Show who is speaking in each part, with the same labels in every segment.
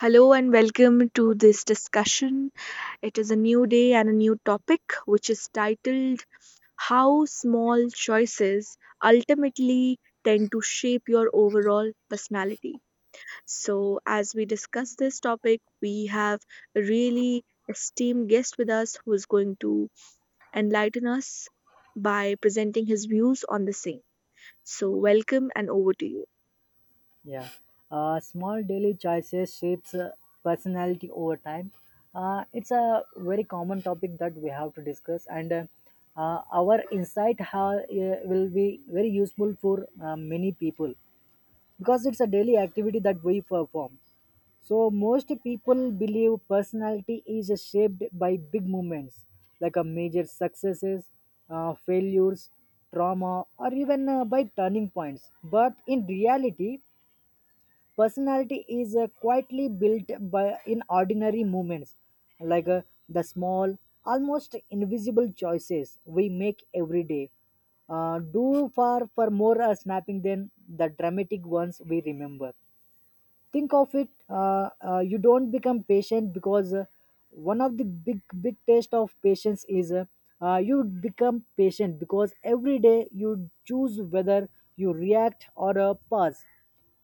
Speaker 1: Hello and welcome to this discussion. It is a new day and a new topic, which is titled How Small Choices Ultimately Tend to Shape Your Overall Personality. So, as we discuss this topic, we have a really esteemed guest with us who is going to enlighten us by presenting his views on the same. So, welcome and over to you.
Speaker 2: Yeah. Small daily choices shapes personality over time. It's a very common topic that we have to discuss, and our insight will be very useful for many people because it's a daily activity that we perform. So most people believe personality is shaped by big moments like a major successes, failures, trauma, or even by turning points. But in reality, personality is quietly built by in ordinary moments, like the small, almost invisible choices we make every day. Do far for more snapping than the dramatic ones we remember. Think of it, you don't become patient because one of the big test of patience is you become patient because every day you choose whether you react or pause.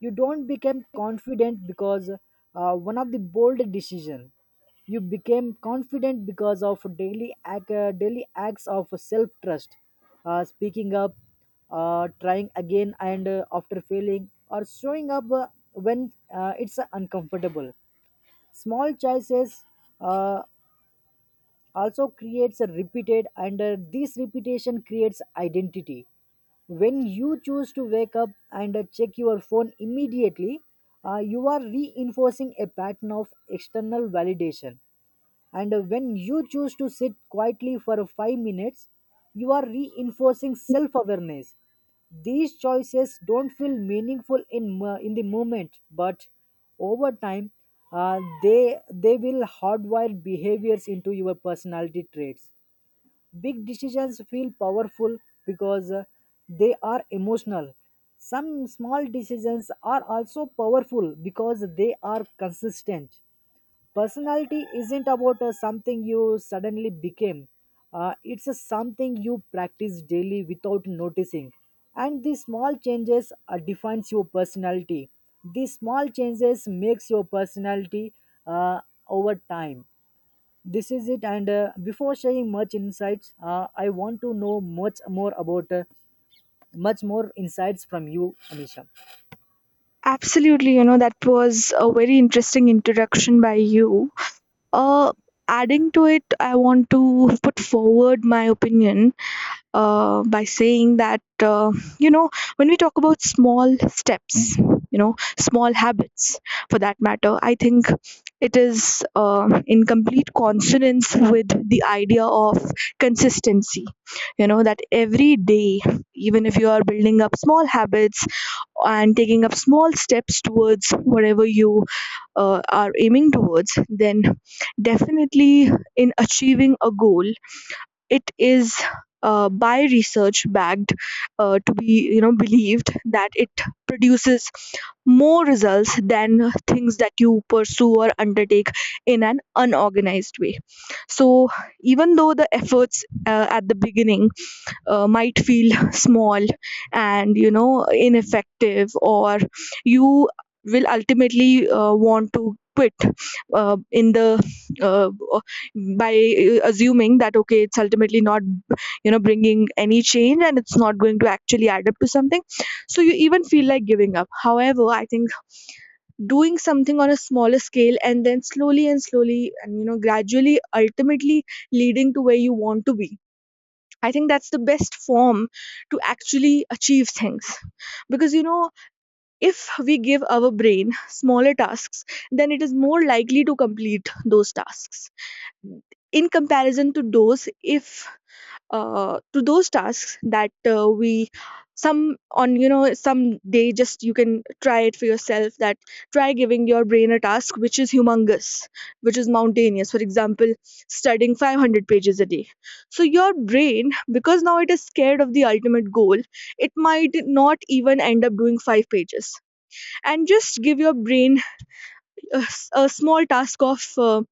Speaker 2: You don't become confident because one of the bold decision. You became confident because of daily acts of self trust, speaking up, trying again, and after failing, or showing up when it's uncomfortable. Small choices uh, also creates a repeated, and this repetition creates identity. When you choose to wake up and check your phone immediately, you are reinforcing a pattern of external validation, and when you choose to sit quietly for 5 minutes, you are reinforcing self awareness. These choices don't feel meaningful in the moment, but over time they will hardwire behaviors into your personality traits. Big decisions feel powerful because they are emotional. Some small decisions are also powerful because they are consistent. Personality isn't about something you suddenly became. It's a something you practice daily without noticing, and these small changes defines your personality. These small changes makes your personality, uh, over time. This is it, and before sharing much insights, I want to know much more about, much more insights from you, Anisha.
Speaker 1: Absolutely, you know, that was a very interesting introduction by you. Uh, Adding to it, I want to put forward my opinion by saying that you know when we talk about small steps, you know, small habits for that matter, I think it is, in complete consonance with the idea of consistency. You know, that every day, even if you are building up small habits and taking up small steps towards whatever you are aiming towards, then definitely in achieving a goal, it is by research backed, to be, you know, believed that it produces more results than things that you pursue or undertake in an unorganized way. So even though the efforts at the beginning might feel small and, you know, ineffective, or you will ultimately want to quit, in the uh, by assuming that okay, it's ultimately not, you know, bringing any change and it's not going to actually add up to something, so you even feel like giving up. However, I think doing something on a smaller scale and then slowly and slowly and, you know, gradually ultimately leading to where you want to be, I think that's the best form to actually achieve things. Because, you know, if we give our brain smaller tasks, then it is more likely to complete those tasks in comparison to those, if to those tasks that we, some day, just you can try it for yourself. That try giving your brain a task which is humongous, which is mountainous, for example studying 500 pages a day. So your brain, because now it is scared of the ultimate goal, it might not even end up doing 5 pages. And just give your brain a small task of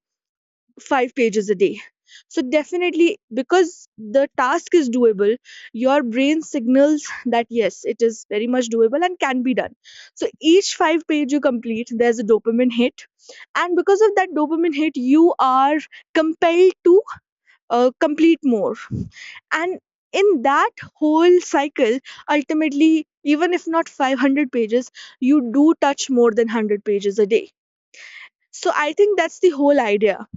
Speaker 1: five pages a day. So, definitely, because the task is doable, your brain signals that yes, it is very much doable and can be done. So, each five page you complete, there's a dopamine hit. And because of that dopamine hit, you are compelled to complete more. And in that whole cycle, ultimately, even if not 500 pages, you do touch more than 100 pages a day. So I think that's the whole idea,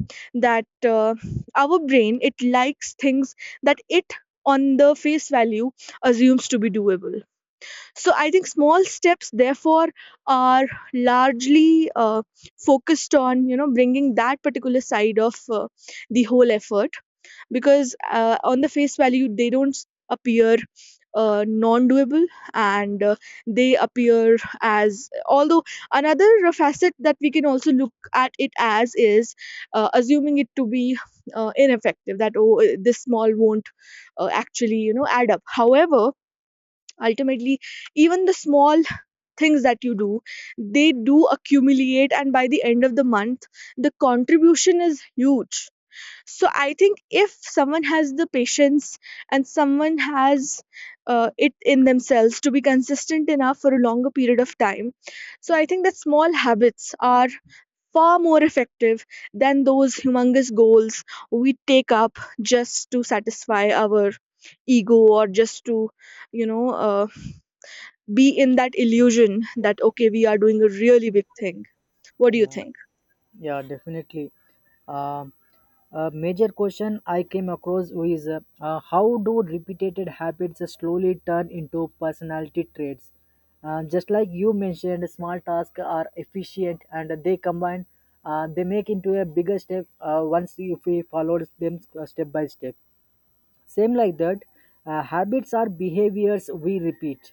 Speaker 1: that our brain, it likes things that it, on the face value, assumes to be doable. So I think small steps therefore are largely focused on, you know, bringing that particular side of the whole effort, because on the face value they don't appear non-doable, and they appear as although another facet that we can also look at it as is assuming it to be ineffective, that oh, this small won't actually, you know, add up. However, ultimately, even the small things that you do, they do accumulate, and by the end of the month the contribution is huge. So I think if someone has the patience, and someone has it in themselves to be consistent enough for a longer period of time, so I think that small habits are far more effective than those humongous goals we take up just to satisfy our ego, or just to, you know, be in that illusion that okay, we are doing a really big thing. What do you
Speaker 2: Yeah.
Speaker 1: think?
Speaker 2: Yeah, definitely. Um a major question I came across is how do repeated habits slowly turn into personality traits? Just like you mentioned, small tasks are efficient and they combine, they make into a bigger step once if we followed them step by step. Same like that, habits are behaviors we repeat.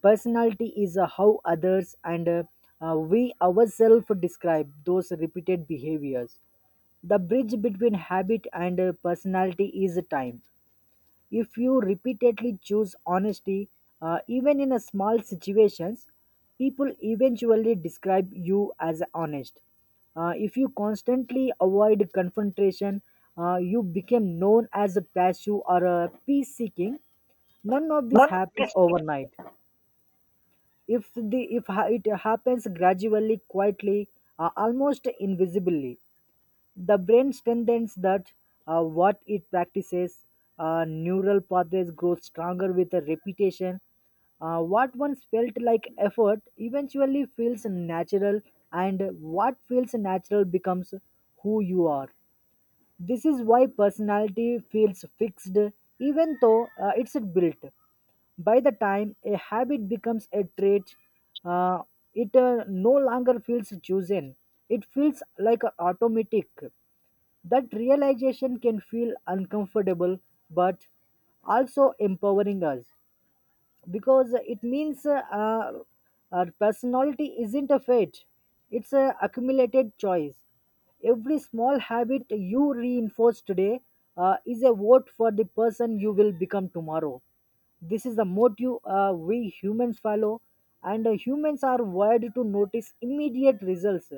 Speaker 2: Personality is how others and we ourselves describe those repeated behaviors. The bridge between habit and personality is time. If you repeatedly choose honesty, even in a small situations, people eventually describe you as honest. If you constantly avoid confrontation, you become known as a passive or a peace seeking. None of this happens overnight. If the if ha- It happens gradually, quietly, almost invisibly. The brain strengthens that what it practices. Neural pathways grow stronger with a repetition. What once felt like effort eventually feels natural, and what feels natural becomes who you are. This is why personality feels fixed, even though it's built. By the time a habit becomes a trait, uh, it no longer feels chosen. It feels like automatic. That realization can feel uncomfortable, but also empowering us, because it means our personality isn't a fate. It's a accumulated choice. Every small habit you reinforce today is a vote for the person you will become tomorrow. This is the motive we humans follow, and humans are wired to notice immediate results,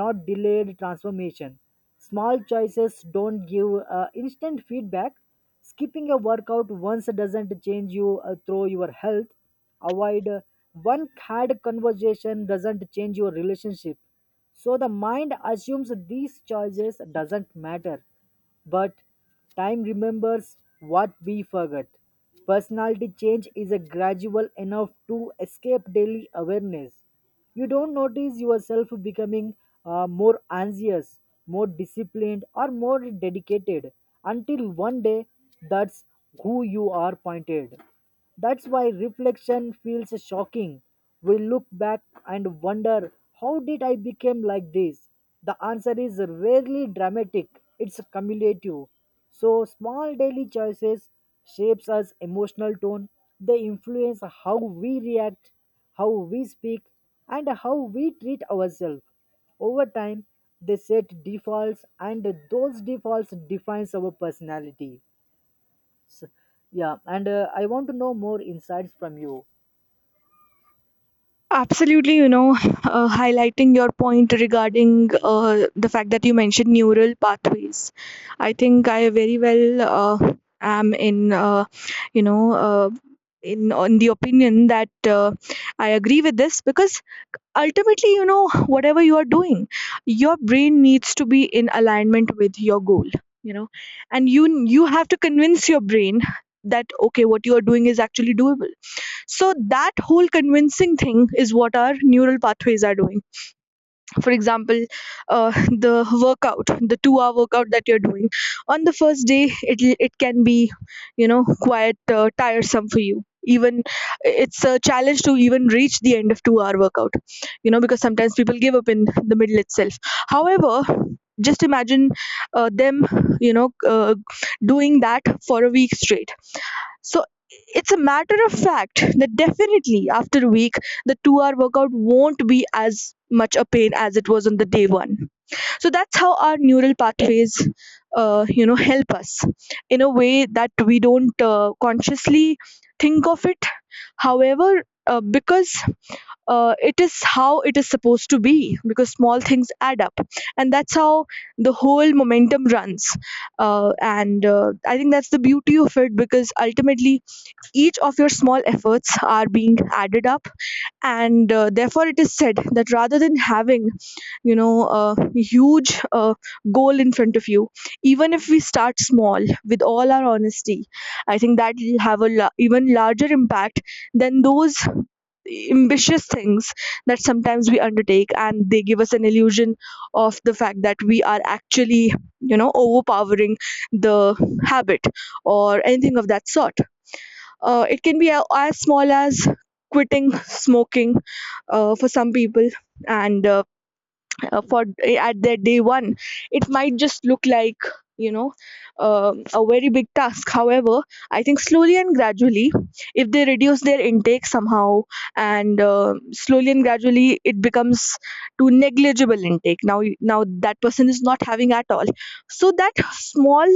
Speaker 2: not delayed transformation. Small choices don't give instant feedback. Skipping a workout once doesn't change you through your health. Avoid One cad conversation doesn't change your relationship. So the mind assumes these choices doesn't matter, but time remembers what we forgot. Personality change is a gradual enough to escape daily awareness. You don't notice yourself becoming more anxious, more disciplined, or more dedicated until one day that's who you are pointed. That's why reflection feels shocking. We look back and wonder, how did I become like this? The answer is rarely dramatic. It's cumulative. So small daily choices shapes us emotional tone. They influence how we react, how we speak, and how we treat ourselves. Over time, they set defaults, and those defaults defines our personality. So, yeah, and I want to know more insights from you.
Speaker 1: Absolutely, you know, highlighting your point regarding the fact that you mentioned neural pathways. I think I very well am in, you know, uh, in on the opinion that I agree with this, because ultimately, you know, whatever you are doing, your brain needs to be in alignment with your goal. You know, and you have to convince your brain that okay, what you are doing is actually doable, so that whole convincing thing is what our neural pathways are doing. For example, the workout, the two-hour workout that you're doing on the first day, it can be, you know, quite tiresome for you. Even it's a challenge to even reach the end of two-hour workout, you know, because sometimes people give up in the middle itself. However, just imagine them, you know, uh, doing that for a week straight. So it's a matter of fact that definitely after a week, the 2-hour workout won't be as much a pain as it was on the day one. So that's how our neural pathways, you know, help us in a way that we don't consciously think of it. However, because it is how it is supposed to be, because small things add up, and that's how the whole momentum runs. And I think that's the beauty of it, because ultimately each of your small efforts are being added up, and therefore it is said that rather than having, you know, a huge goal in front of you, even if we start small with all our honesty, I think that will have even larger impact than those ambitious things that sometimes we undertake, and they give us an illusion of the fact that we are actually, you know, overpowering the habit or anything of that sort. It can be as small as quitting smoking for some people, and at their day one it might just look like, you know, a very big task. However, I think slowly and gradually, if they reduce their intake somehow, and slowly and gradually it becomes to negligible intake. Now now that person is not having at all. So that small,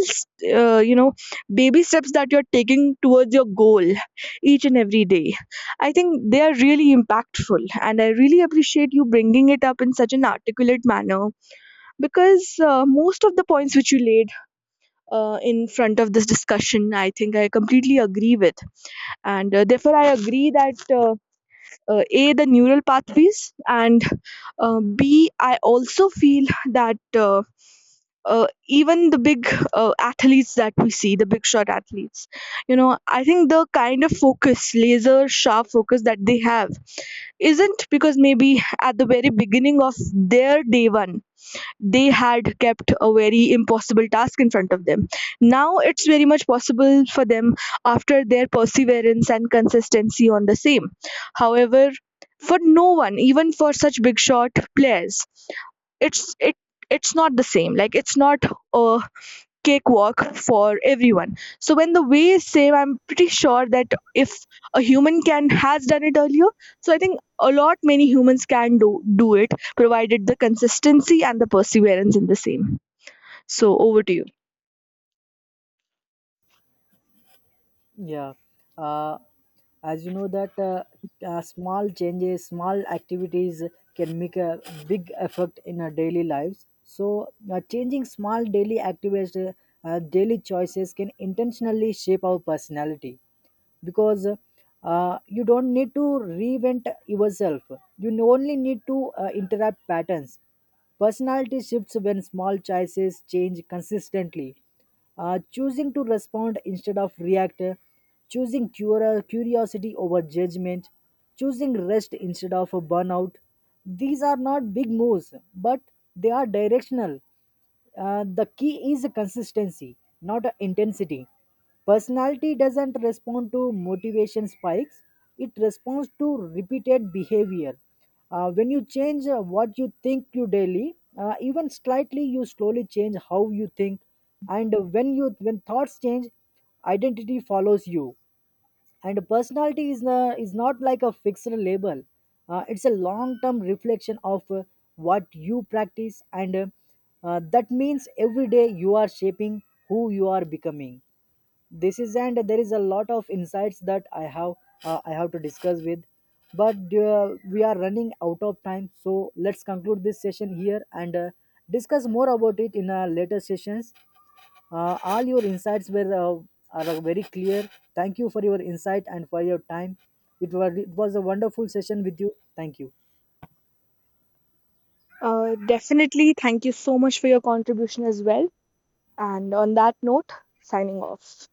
Speaker 1: uh, you know baby steps that you're taking towards your goal each and every day, I think they are really impactful, and I really appreciate you bringing it up in such an articulate manner, because most of the points which you laid in front of this discussion, I think I completely agree with, and therefore I agree that, a, the neural pathways, and b, I also feel that. Even the big athletes that we see, the big shot athletes, you know, I think the kind of focus, laser sharp focus that they have isn't because maybe at the very beginning of their day one they had kept a very impossible task in front of them. Now it's very much possible for them after their perseverance and consistency on the same. However, for no one, even for such big shot players, it's it's not the same. Like, it's not a cakewalk for everyone. So when the way is same, I'm pretty sure that if a human can has done it earlier, so I think a lot many humans can do it, provided the consistency and the perseverance in the same. So over to you.
Speaker 2: Yeah, uh, as you know that small changes, small activities can make a big effect in our daily lives. So, changing small daily activities, daily choices can intentionally shape our personality because you don't need to reinvent yourself. You only need to interrupt patterns. Personality shifts when small choices change consistently. Choosing to respond instead of react, choosing curiosity over judgment, choosing rest instead of a burnout, these are not big moves, but they are directional. The key is consistency, not intensity. Personality doesn't respond to motivation spikes, it responds to repeated behavior. When you change what you think you daily, even slightly, you slowly change how you think. And when thoughts change, identity follows you, and personality is not like a fixed label. It's a long-term reflection of what you practice, and that means every day you are shaping who you are becoming. This is, and there is a lot of insights that I have, I have to discuss with. But uh, we are running out of time, so let's conclude this session here and discuss more about it in our later sessions. All your insights were are very clear. Thank you for your insight and for your time. It was a wonderful session with you. Thank you.
Speaker 1: Definitely. Thank you so much for your contribution as well. And on that note, signing off.